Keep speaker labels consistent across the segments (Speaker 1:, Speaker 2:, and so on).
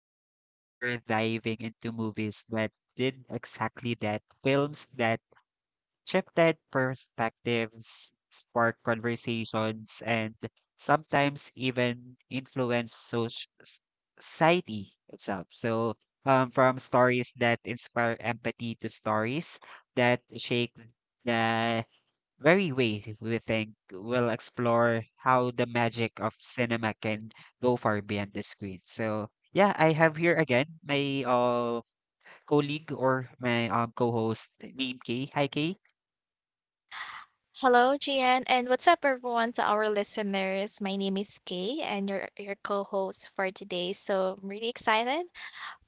Speaker 1: episode, we're diving into movies that did exactly that. Films that shifted perspectives, sparked conversations, and sometimes even influence society itself. From stories that inspire empathy to stories that shake the very way we think, we'll explore how the magic of cinema can go far beyond the screen. So yeah, I have here again my colleague or my co-host named Kay. Hi Kay.
Speaker 2: Hello, Gian, and what's up, everyone, to our listeners? My name is Kay, and your co-host for today. So I'm really excited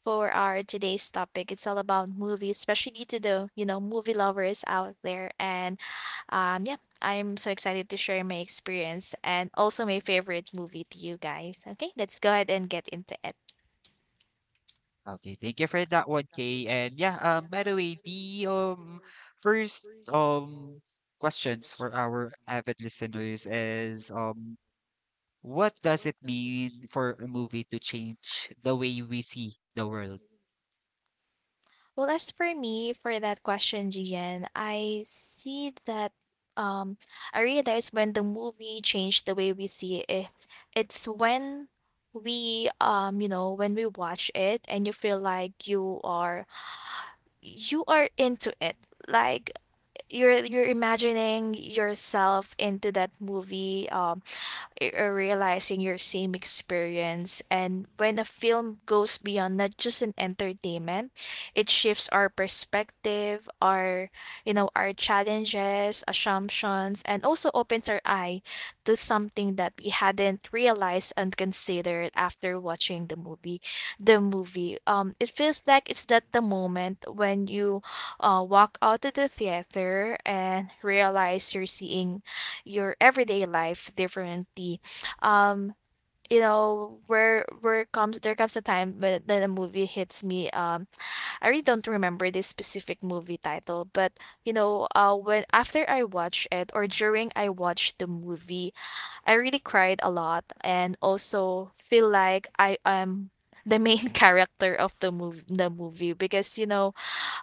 Speaker 2: for our today's topic. It's all about movies, especially to the movie lovers out there. And yeah, I'm so excited to share my experience and also my favorite movie to you guys. Okay, let's go ahead and get into it.
Speaker 1: Okay, thank you for that one, Kay. By the way, the first questions for our avid listeners is, what does it mean for a movie to change the way we see the world?
Speaker 2: Well, as for me, for that question, Gian, I see that um I realize when the movie changed the way we see it, it's when we when we watch it and you feel like you are into it like you're imagining yourself into that movie realizing your same experience. And when a film goes beyond not just an entertainment, it shifts our perspective, our challenges, assumptions, and also opens our eye to something that we hadn't realized and considered after watching the movie. The movie. It feels like it's that the moment when you walk out of the theater and realize you're seeing your everyday life differently. Um, you know, where comes there comes a time when then a movie hits me. I really don't remember this specific movie title, but when after I watched it or during I watched the movie, I really cried a lot and also feel like I am the main character of the movie because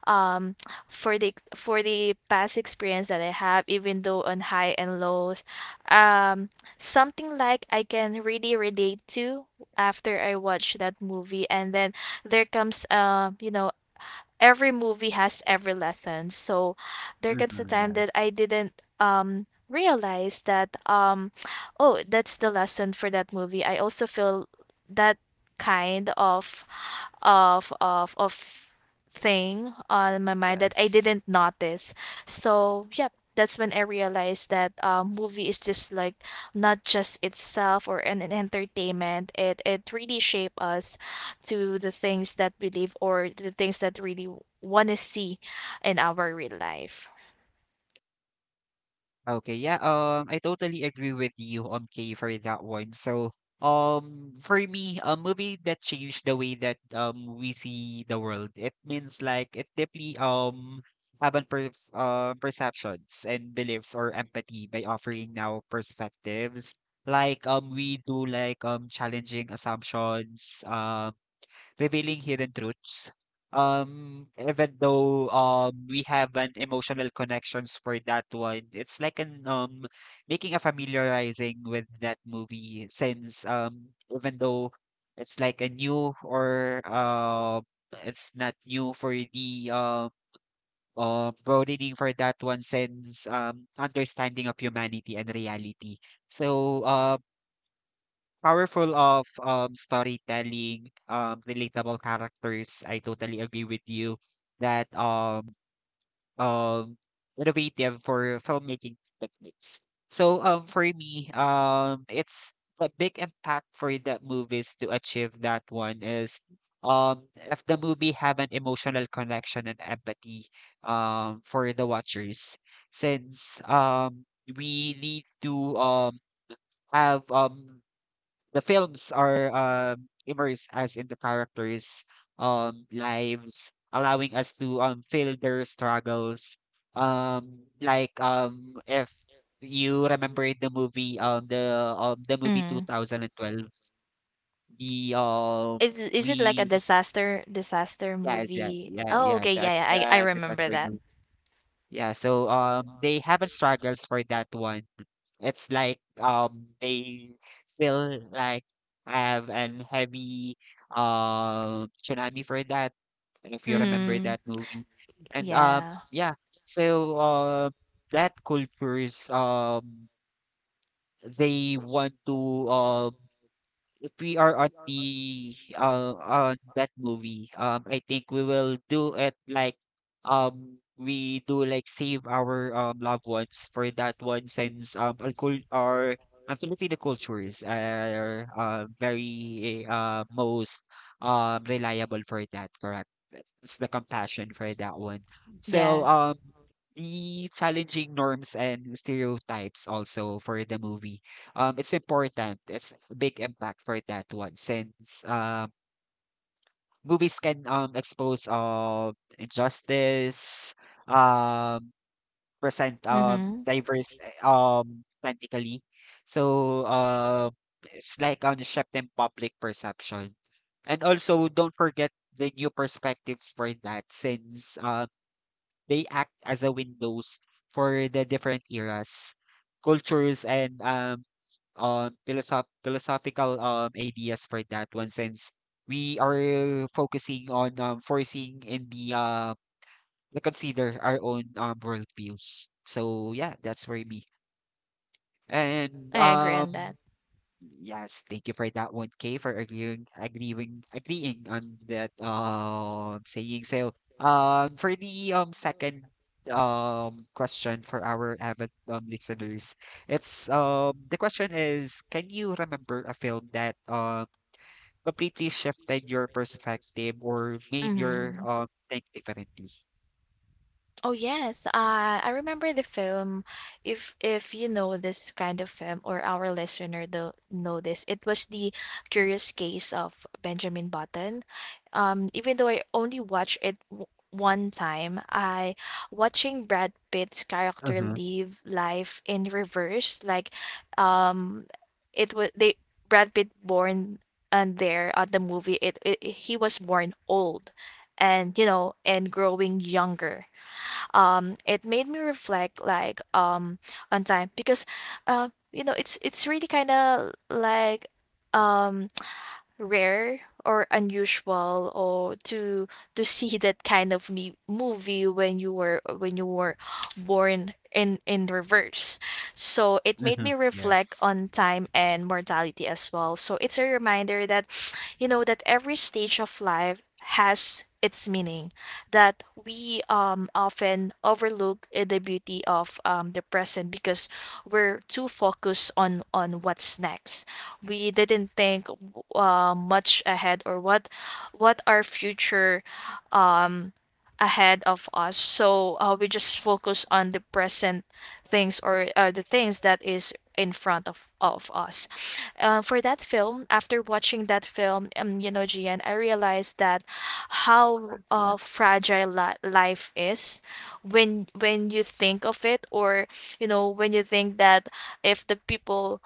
Speaker 2: um for the past experience that I have, even though on high and lows, um something like I can really relate to after I watch that movie, and then there comes every movie has every lesson, so there comes a
Speaker 1: Hmm,
Speaker 2: time that
Speaker 1: yes.
Speaker 2: I didn't realize that oh, that's the lesson for that movie. I also feel that kind of of thing on my mind that I
Speaker 1: Yes.
Speaker 2: didn't notice. So yeah, that's when I realized that movie is just like not just itself or an entertainment. It really shape us to the things that we live or the things that really want to see in our real life.
Speaker 1: Okay, yeah, I totally agree with you on K for that one. For me, a movie that changed the way that we see the world, it means like it deeply have an perceptions and beliefs or empathy by offering now perspectives. Like we do like challenging assumptions, revealing hidden truths. Even though we have an emotional connections for that one, it's like an making a familiarizing with that movie since even though it's like a new or it's not new for the broadening for that one, since understanding of humanity and reality. So um Powerful of storytelling, relatable characters. I totally agree with you that um, innovative for filmmaking techniques. For me, it's the big impact for the movies to achieve that one is, if the movie have an emotional connection and empathy, for the watchers, since we need to, have the films are, immersed us in the characters' lives, allowing us to, feel their struggles. Like if you remember in the movie, the movie two
Speaker 2: Mm.
Speaker 1: thousand and twelve, the
Speaker 2: Is it like a
Speaker 1: we
Speaker 2: disaster
Speaker 1: yes, yeah,
Speaker 2: movie?
Speaker 1: yeah,
Speaker 2: Oh,
Speaker 1: yeah,
Speaker 2: okay,
Speaker 1: that
Speaker 2: yeah, yeah, I remember
Speaker 1: disaster
Speaker 2: that.
Speaker 1: movie. They haven't struggles for that one. It's like they feel like I have an heavy tsunami for that, if you remember
Speaker 2: Mm-hmm.
Speaker 1: that movie. And
Speaker 2: Yeah.
Speaker 1: yeah, so that cultures, they want to, um if we are on the on that movie, I think we will do it like we do like save our
Speaker 2: Sh-
Speaker 1: loved ones for that one, since our cul- our Filipino cultures are very most reliable for that, correct? That's the compassion for that one. So,
Speaker 2: yes.
Speaker 1: um, the challenging norms and stereotypes also for the movie. It's important. It's a big impact for that one, since movies can expose injustice, um present
Speaker 2: Mhm.
Speaker 1: diverse authentically. So um it's like on shift in public perception. And also don't forget the new perspectives for that, since they act as a windows for the different eras, cultures, and philosophical ideas for that one. Since we are focusing on, foreseeing in the we consider our own worldviews. So yeah, that's for me. And
Speaker 2: I agree on that.
Speaker 1: Yes, thank you for that one, Kay, for agreeing on that saying. For the second question for our avid listeners, it's the question is, can you remember a film that completely shifted your perspective or made your
Speaker 2: Mhm.
Speaker 1: think differently?
Speaker 2: Oh yes, I remember the film. If you know this kind of film, or our listener do know this, it was the Curious Case of Benjamin Button. Even though I only watched it w one time, I watching Brad Pitt's character
Speaker 1: Mm-hmm.
Speaker 2: live life in reverse. Like, um, it was they Brad Pitt born and there at the movie. It he was born old, and you know, and growing younger, it made me reflect like on time because, you know, it's really kind of like um rare or unusual or to see that kind of me movie when you were born in reverse. So it made
Speaker 1: Mm-hmm.
Speaker 2: me reflect
Speaker 1: Yes.
Speaker 2: on time and mortality as well, so it's a reminder that you know that every stage of life has its meaning, that we often overlook the beauty of the present because we're too focused on what's next. We didn't think much ahead or what our future um ahead of us, so we just focus on the present things or the things that is in front of us. For that film, after watching that film, Gian, I realized that how
Speaker 1: Yes.
Speaker 2: fragile life is when you think of it, or you know when you think that if the people,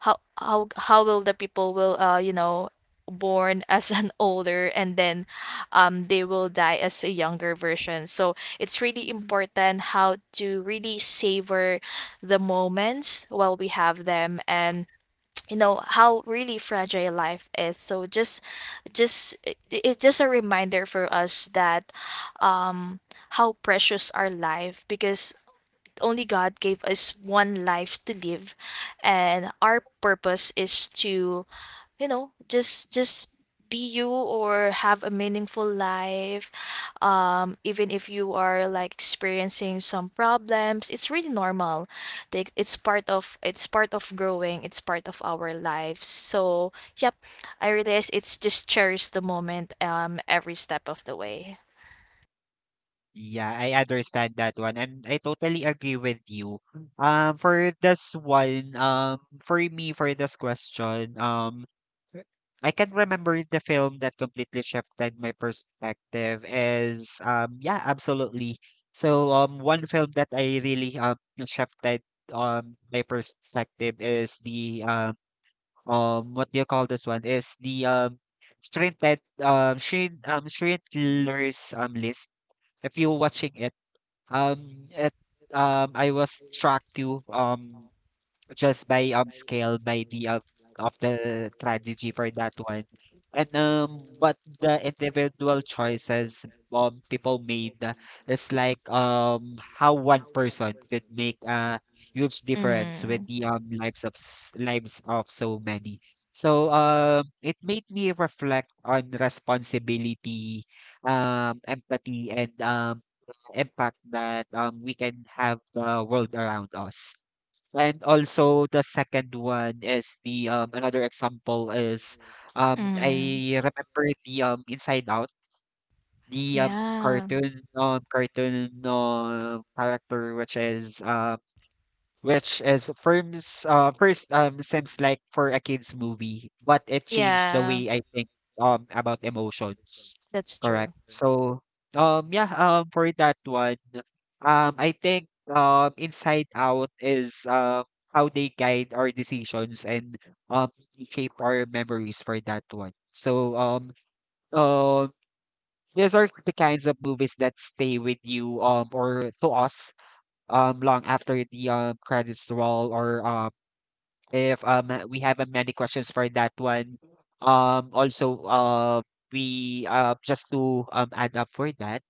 Speaker 2: how will the people will born as an older and then they will die as a younger version. So it's really important how to really savor the moments while we have them, and you know how really fragile life is. So just it's just a reminder for us that um how precious our life because only God gave us one life to live, and our purpose is to you know just be you or have a meaningful life. Even if you are like experiencing some problems, it's really normal. Like, it's part of growing, it's part of our lives. So yep, I realize it's just cherish the moment, every step of the way.
Speaker 1: Yeah, I understand that one, and I totally agree with you. For this one, for me, for this question, I can remember the film that completely shifted my perspective is, yeah, absolutely. One film that I really shifted my perspective is the what do you call this one, is the Schindler's List. If you're watching it, um, it I was track to, just by scale by the, of the strategy for that one, and but the individual choices people made, is like how one person could make a huge difference with
Speaker 2: Mm-hmm.
Speaker 1: the lives of lives of so many. It made me reflect on responsibility, empathy, and impact that we can have the world around us. And also, the second one is the another example is,
Speaker 2: Mm-hmm.
Speaker 1: I remember the Inside Out, the
Speaker 2: Yeah.
Speaker 1: cartoon cartoon character, which is firms first seems like for a kids movie, but it changed the
Speaker 2: Yeah.
Speaker 1: way I think about emotions.
Speaker 2: That's true.
Speaker 1: Correct? For that one, I think Inside Out is how they guide our decisions and um shape our memories for that one. Um these are the kinds of movies that stay with you, or to us, long after the credits roll, or if we have many questions for that one. Also we just to add up for that,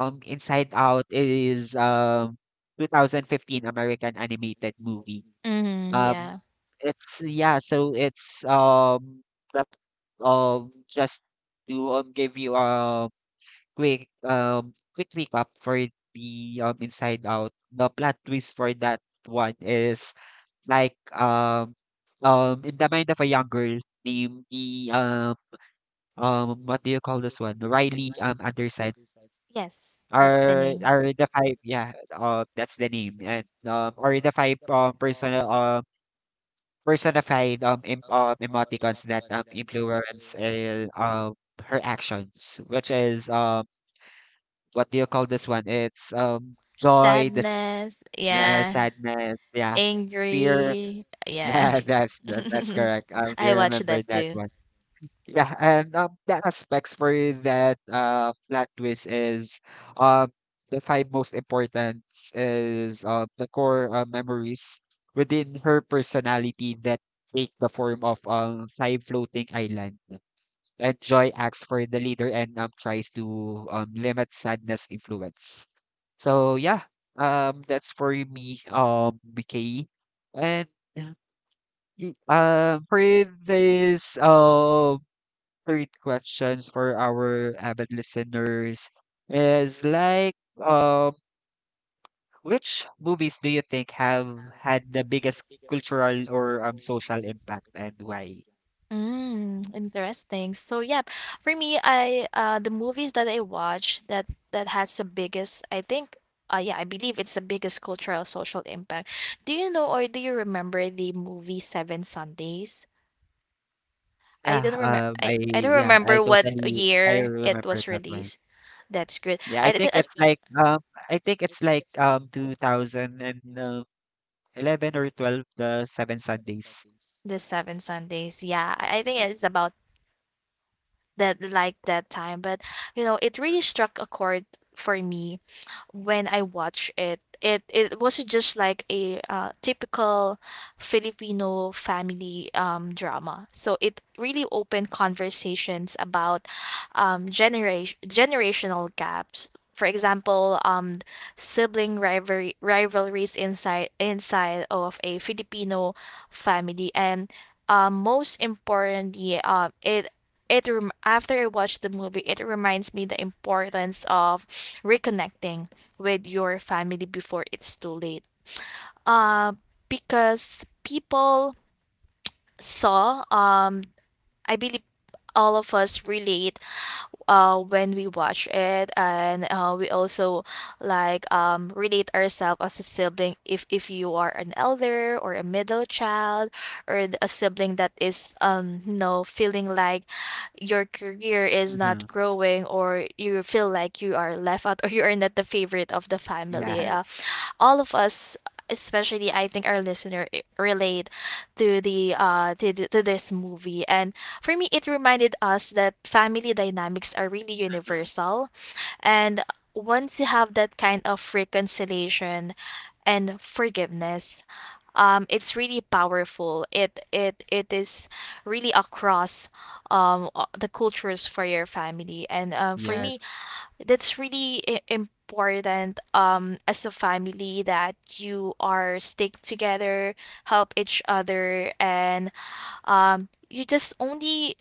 Speaker 1: Inside Out is 2015 American animated movie.
Speaker 2: Mhm,
Speaker 1: Um
Speaker 2: yeah.
Speaker 1: it's yeah so it's that, just to give you quick recap for the Inside Out. The plot twist for that one is like, in the mind of a young girl named the what do you call this one? Riley Anderson
Speaker 2: Yes, that's the
Speaker 1: are
Speaker 2: name.
Speaker 1: are the five, yeah, that's the name, and or the five personal personified, emoticons that influence her actions, which is, what do you call this one? It's, joy, this,
Speaker 2: Sadness,
Speaker 1: yeah,
Speaker 2: yeah.
Speaker 1: sadness, yeah, fear.
Speaker 2: Angry, yeah.
Speaker 1: Yeah, that's that's correct. Do you
Speaker 2: I watched
Speaker 1: remember
Speaker 2: that
Speaker 1: that
Speaker 2: too.
Speaker 1: one? Yeah, and the aspects for that plot twist is, um the five most important is, the core memories within her personality that take the form of five floating island, and joy acts for the leader and tries to limit sadness influence. So yeah, that's for me, BKE. And uh, for this third questions for our avid listeners is like, um which movies do you think have had the biggest cultural or social impact and why?
Speaker 2: Mm, interesting. So yeah, for me, I the movies that I watch that has the biggest, I think, yeah, I believe it's the biggest cultural social impact. Do you know or do you remember the movie Seven Sundays? I
Speaker 1: Yeah,
Speaker 2: don't remember.
Speaker 1: um, I
Speaker 2: I don't
Speaker 1: yeah, I
Speaker 2: remember what
Speaker 1: totally I
Speaker 2: year it
Speaker 1: remember
Speaker 2: was
Speaker 1: that one.
Speaker 2: released. That's good.
Speaker 1: Yeah, I think it's
Speaker 2: I-
Speaker 1: like, 2011 or 12, the Seven Sundays.
Speaker 2: the seven Sundays. Yeah, I think
Speaker 1: Yeah.
Speaker 2: it's about that like that time, but you know it really struck a chord for me. When I watched it, it, it wasn't just like a typical Filipino family, drama. So it really opened conversations about generational gaps. For example, rivalries inside of a Filipino family, and most importantly, after I watched the movie, it reminds me the importance of reconnecting with your family before it's too late. Uh, because people saw, I believe all of us relate when we watch it, and we also like relate ourselves as a sibling, if you are an elder or a middle child or a sibling that is feeling like your career is not
Speaker 1: Mhm.
Speaker 2: growing, or you feel like you are left out, or you are not the favorite of the family.
Speaker 1: Yes.
Speaker 2: All of us, especially I think our listener, relate to to this movie, and for me it reminded us that family dynamics are really
Speaker 1: Mhm.
Speaker 2: universal. And once you have that kind of reconciliation and forgiveness, it's really powerful. It is really across the cultures for your family. And for me,
Speaker 1: Yes.
Speaker 2: that's really important, as a family, that you are stick together, help each other, and you just only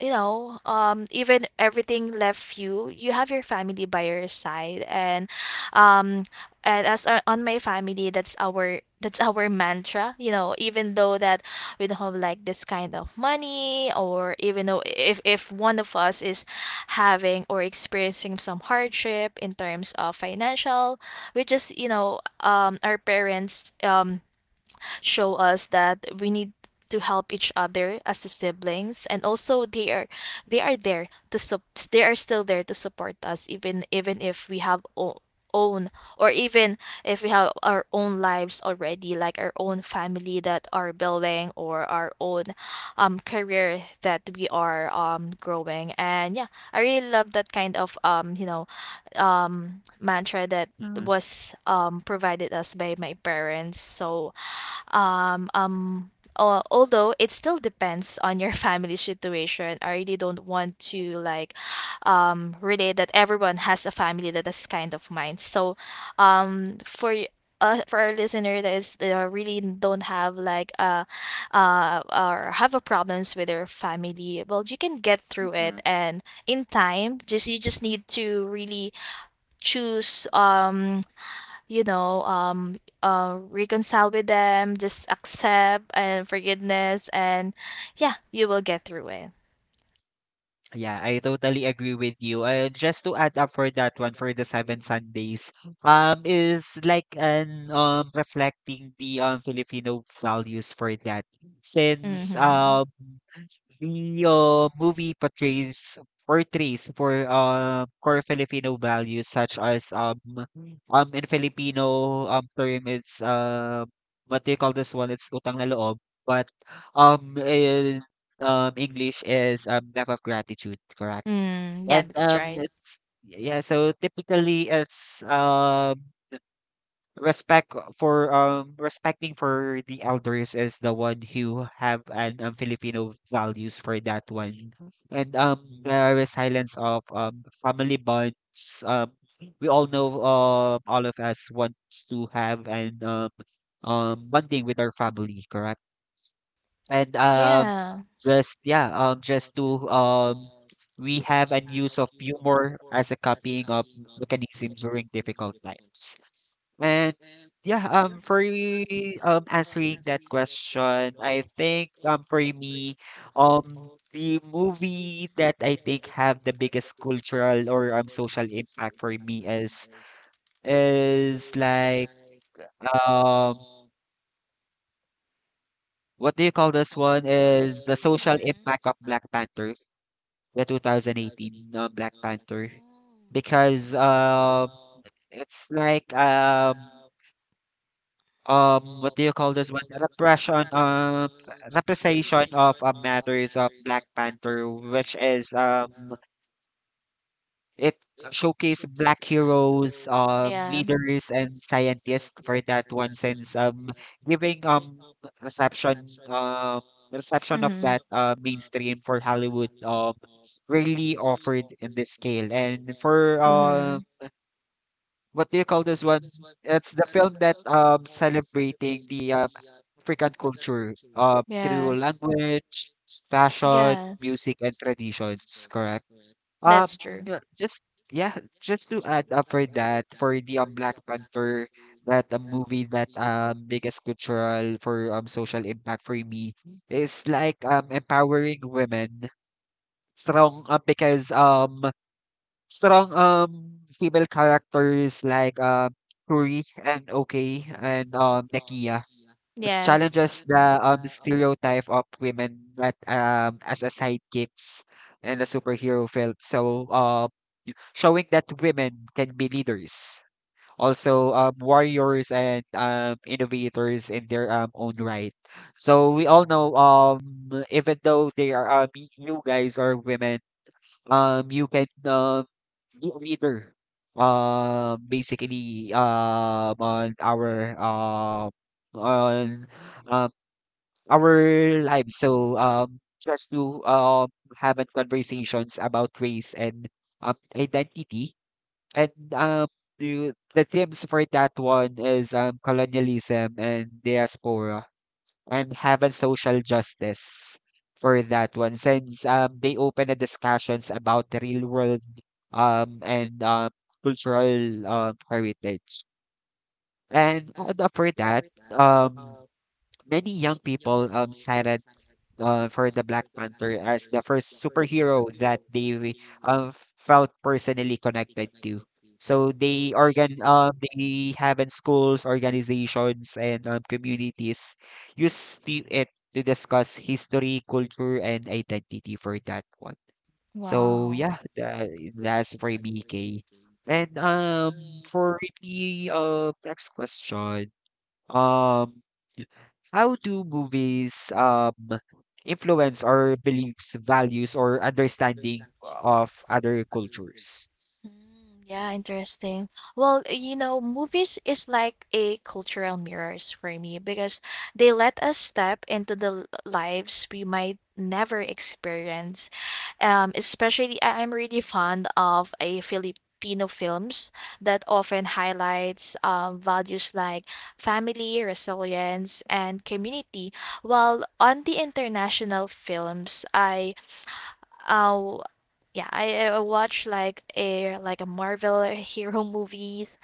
Speaker 2: you know, even everything left you, you have your family by your side. And um, and as on my family, that's our mantra, you know, even though that we don't have like this kind of money, or even though if one of us is having or experiencing some hardship in terms of financial, we just you know, our parents show us that we need to help each other as the siblings. And also they are there to sup they are still there to support us, even even if we have o- own or even if we have our own lives already, like our own family that are building, or our own career that we are growing. And yeah, I really love that kind of mantra that
Speaker 1: Mhm.
Speaker 2: was provided us by my parents. So um, um, although it still depends on your family situation. I really don't want to like relate that everyone has a family that is kind of mine. So, um, for y- for our listener that is that really don't have like or have a problems with their family, well, you can get through it,
Speaker 1: Mhm.
Speaker 2: and in time, just you just need to really choose reconcile with them, just accept and forgiveness, and yeah, you will get through it.
Speaker 1: Yeah, I totally agree with you. Just to add up for that one, for the Seven Sundays, is like an reflecting the Filipino values for that, since
Speaker 2: Mm-hmm.
Speaker 1: the, movie portrays for core Filipino values, such as, in Filipino term, it's, what do you call this one? It's utang na loob, but in English is love of gratitude, correct?
Speaker 2: Mm, yeah,
Speaker 1: And
Speaker 2: that's right.
Speaker 1: it's Yeah, so typically it's respect, for respecting for the elders is the one who have an, Filipino values for that one. And There is silence of family bonds. We all know all of us wants to have an bonding with our family, correct? And um
Speaker 2: Yeah.
Speaker 1: just to, we have an use of humor as a copying of mechanism during difficult times. And yeah, answering that question, I think for me, the movie that I think have the biggest cultural or social impact for me is like, um what do you call this one? Is the social impact of Black Panther, the 2018 Black Panther, because it's like what do you call this one? Repression Representation of, matters of Black Panther, which is, it showcase black heroes,
Speaker 2: Yeah.
Speaker 1: leaders and scientists for that one, since giving reception uh reception of
Speaker 2: Mm-hmm.
Speaker 1: that mainstream for Hollywood, really offered in this scale, and for
Speaker 2: Mm-hmm.
Speaker 1: what do you call this one? It's the film that celebrating the, African culture, through
Speaker 2: Yes.
Speaker 1: language, fashion,
Speaker 2: Yes.
Speaker 1: music, and traditions. Correct.
Speaker 2: That's
Speaker 1: Um,
Speaker 2: true.
Speaker 1: yeah, just yeah, just to add up for that, for the, Black Panther, that a movie that biggest cultural for social impact for me is like, empowering women strong, because strong female characters like Kuri and Okay and Nekia, which
Speaker 2: Yes.
Speaker 1: challenges the stereotype of women that as a sidekicks in the superhero film. Showing that women can be leaders, also warriors and innovators in their own right. So we all know, even though they are you guys are women, you can be a leader. Basically, on uh, our lives. So, just to have a conversations about race and identity, and the themes for that one is colonialism and diaspora, and have a social justice for that one since they open the discussions about the real world, and cultural heritage. And For that, um, many young people cited, for the Black Panther as the first superhero that they felt personally connected to. So they have in schools, organizations, and communities use it to discuss history, culture, and identity for that one. So
Speaker 2: Wow.
Speaker 1: yeah, that's for BK. And For the next question. Um how do movies influence our beliefs, values, or understanding of other cultures?
Speaker 2: Mm, yeah, interesting. Well, you know, movies is like a cultural mirrors for me because they let us step into the lives we might never experience. Especially I'm really fond of a Filipino films that often highlights values like family, resilience, and community. While on the international films, I Uh, yeah, I watch like a Marvel hero movies,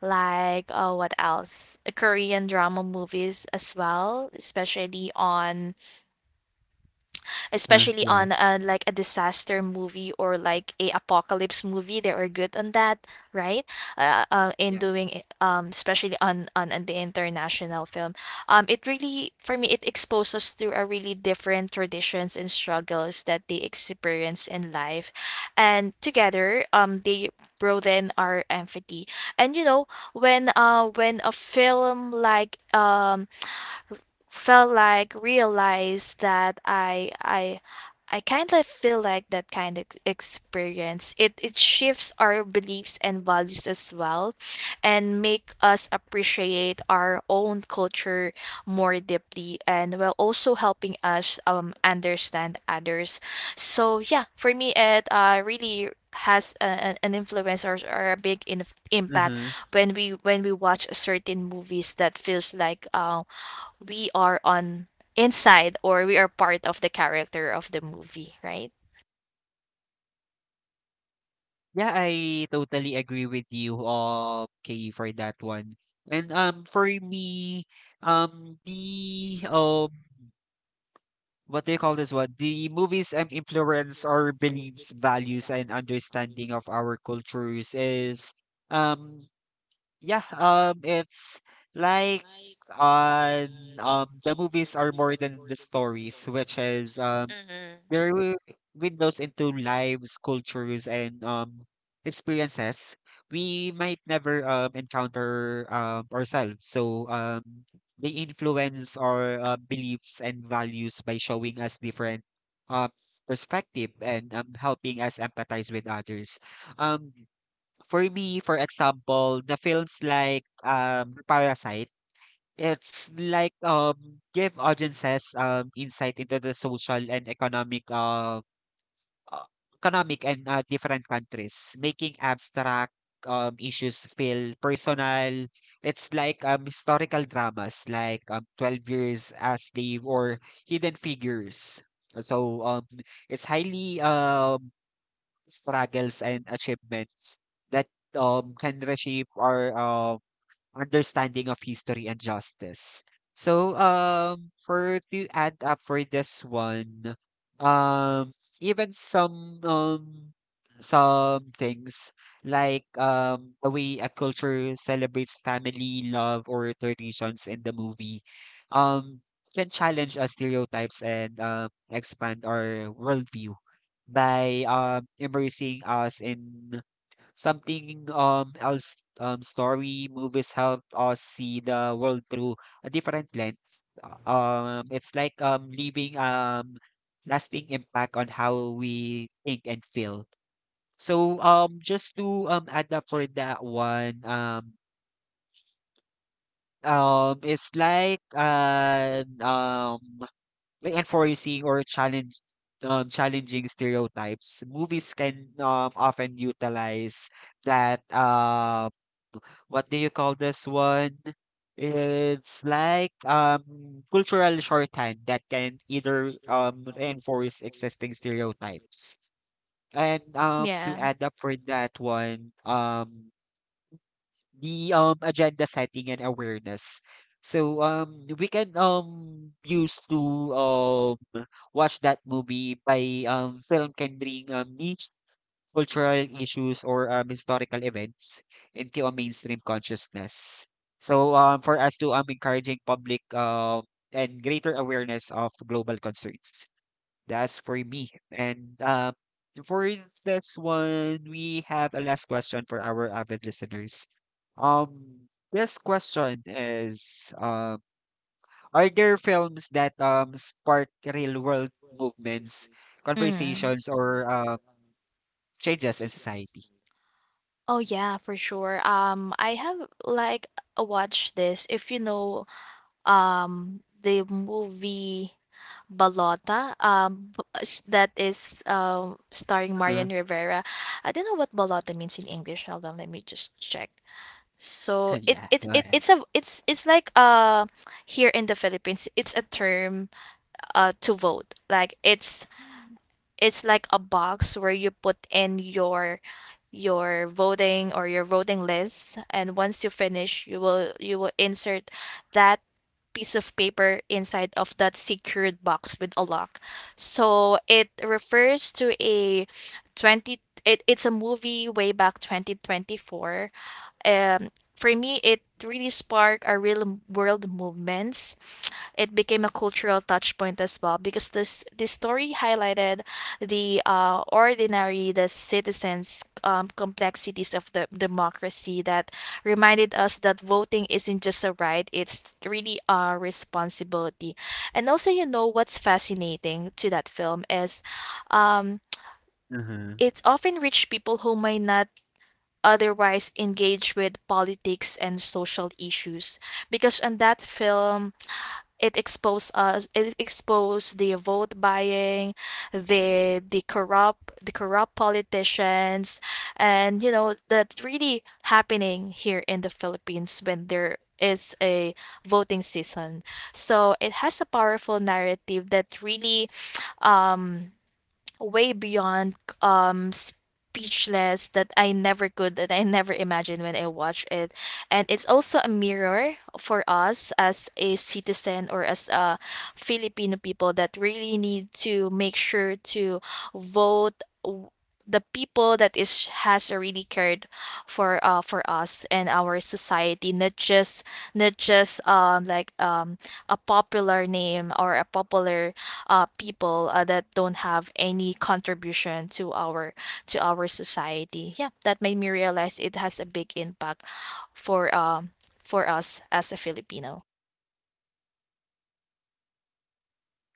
Speaker 2: like what else? Korean drama movies as well, especially on
Speaker 1: Yes.
Speaker 2: like a disaster movie or like a apocalypse movie. They are good on that, right? In doing
Speaker 1: Yes.
Speaker 2: it, especially on, on the international film, it really for me it exposes to a really different traditions and struggles that they experience in life. And together they broaden our empathy. And you know when a film like felt like realized that I kind of feel like that kind of experience. It shifts our beliefs and values as well, and make us appreciate our own culture more deeply, and while also helping us understand others. So yeah, for me, it really has a, an influence, or a big impact
Speaker 1: Mm-hmm.
Speaker 2: when we watch certain movies that feels like we are on inside, or we are part of the character of the movie, right?
Speaker 1: Yeah, I totally agree with you, Kay, for that one. And For me, the what do you call this one? The movies influence our beliefs, values, and understanding of our cultures is um yeah, it's like on the movies are more than the stories, which is
Speaker 2: Mm-hmm.
Speaker 1: there were windows into lives, cultures, and experiences we might never encounter ourselves. So they influence our beliefs and values by showing us different uh perspective and helping us empathize with others. Um for me, for example, the films like Parasite, it's like give audiences insight into the social and uh, economic and different countries, making abstract issues feel personal. It's like historical dramas like 12 Years a Slave or Hidden Figures. So it's highly struggles and achievements that can reshape our understanding of history and justice. So, for to add up for this one, um, even some things like, the way a culture celebrates family, love, or traditions in the movie, um, can challenge our stereotypes and, expand our worldview by immersing us in something else. Story movies help us see the world through a different lens. It's like leaving lasting impact on how we think and feel. So just to add up for that one, it's like an like enforcing or challenge challenging stereotypes, movies can, often utilize that what do you call this one? It's like cultural shorthand that can either reinforce existing stereotypes. And To
Speaker 2: Yeah.
Speaker 1: add up for that one, the agenda setting and awareness. So we can use to um watch that movie by, film can bring niche cultural issues or historical events into a mainstream consciousness. So for us to encouraging public and greater awareness of global concerns. That's for me. And For this one, we have a last question for our avid listeners. This question is: Are there films that spark real world movements,
Speaker 2: Mm.
Speaker 1: conversations, or changes in society?
Speaker 2: Oh yeah, for sure. I have like watched this. If you know, the movie Balota, that is starring Marian
Speaker 1: Mhm.
Speaker 2: Rivera. I don't know what Balota means in English. Hold on, let me just check. So
Speaker 1: Yeah, go
Speaker 2: it's a it's like here in the Philippines it's a term, to vote. Like
Speaker 1: ahead.
Speaker 2: it's like a box where you put in your voting or your voting list, and once you finish you will insert that piece of paper inside of that secured box with a lock. So it refers to a 20 it, it's a movie way back 2024. For me, it really sparked a real world movements. It became a cultural touch point as well, because this story highlighted the the citizens', complexities of the democracy, that reminded us that voting isn't just a right; it's really a responsibility. And also, you know what's fascinating to that film is, um, it's often reached people who might not otherwise engaged with politics and social issues. Because in that film, it exposed us, it exposed the vote buying, the corrupt politicians. And you know that really happening here in the Philippines when there is a voting season. So it has a powerful narrative that really um way beyond speechless, that I never could, that I never imagined when I watched it. And it's also a mirror for us as a citizen, or as a Filipino people, that really need to make sure to vote w- the people that is has already cared for us and our society, not just not just um like um a popular name, or a popular people, that don't have any contribution to our society. Yeah, that made me realize it has a big impact for um for us as a Filipino.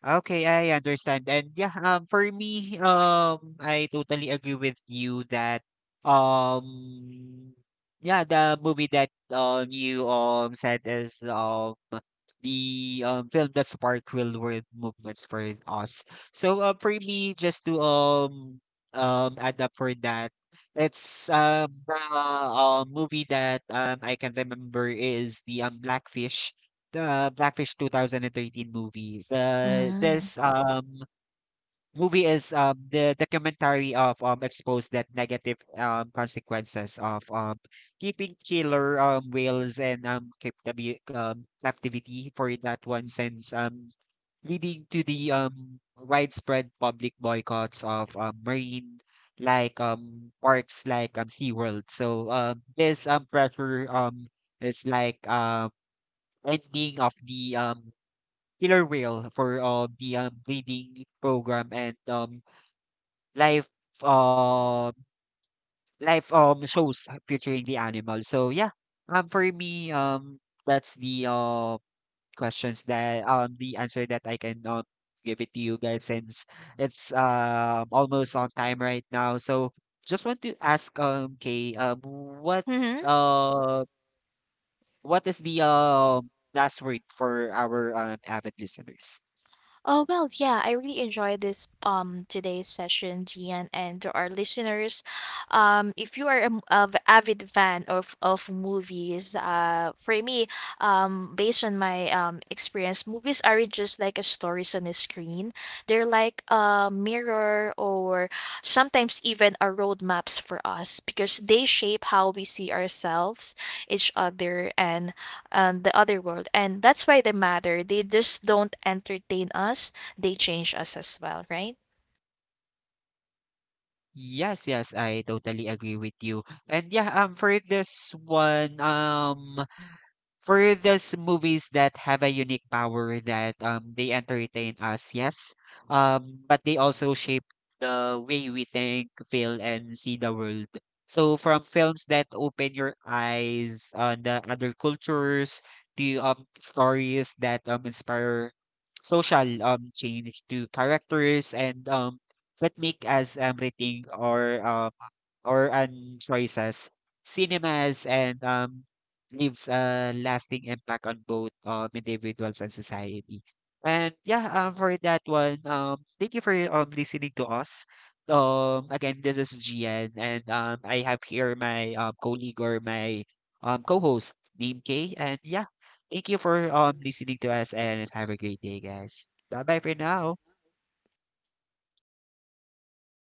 Speaker 1: Okay, I understand. And yeah, for me, I totally agree with you that, um, yeah, the movie that you said is the film that sparked real world movements for us. So for me, just to add up for that, it's the movie that I can remember is the Blackfish 2013 movie. The
Speaker 2: Mm.
Speaker 1: this movie is the documentary of exposed that negative consequences of keeping killer whales and captivity for that one, since, leading to the widespread public boycotts of marine like parks like SeaWorld. So this pressure is like ending of the killer whale for, the breeding program and live um live shows featuring the animal. So yeah, for me, that's the questions, that the answer that I can give it to you guys, since it's almost on time right now. So just want to ask Kay, what
Speaker 2: Hmm.
Speaker 1: uh what is the last word for our avid listeners?
Speaker 2: Oh well, yeah, I really enjoyed this today's session, Gian, and to our listeners, if you are a, avid fan of movies, for me, based on my experience, movies aren't just like a stories on a screen. They're like a mirror, or sometimes even a roadmaps for us, because they shape how we see ourselves, each other, and the other world. And that's why they matter. They just don't entertain us, they change us as well, right?
Speaker 1: Yes, yes, I totally agree with you. And yeah, for this one, for those movies that have a unique power that they entertain us, yes. But they also shape the way we think, feel, and see the world. So from films that open your eyes on the other cultures to stories that inspire social change, to characters and that make us rethink or choices, cinemas and leaves a lasting impact on both, individuals and society. And yeah, for that one, thank you for listening to us. Again, this is Gian, and I have here my colleague or my co-host, Dean K. And yeah, thank you for listening to us, and have a great day, guys. Bye bye for now.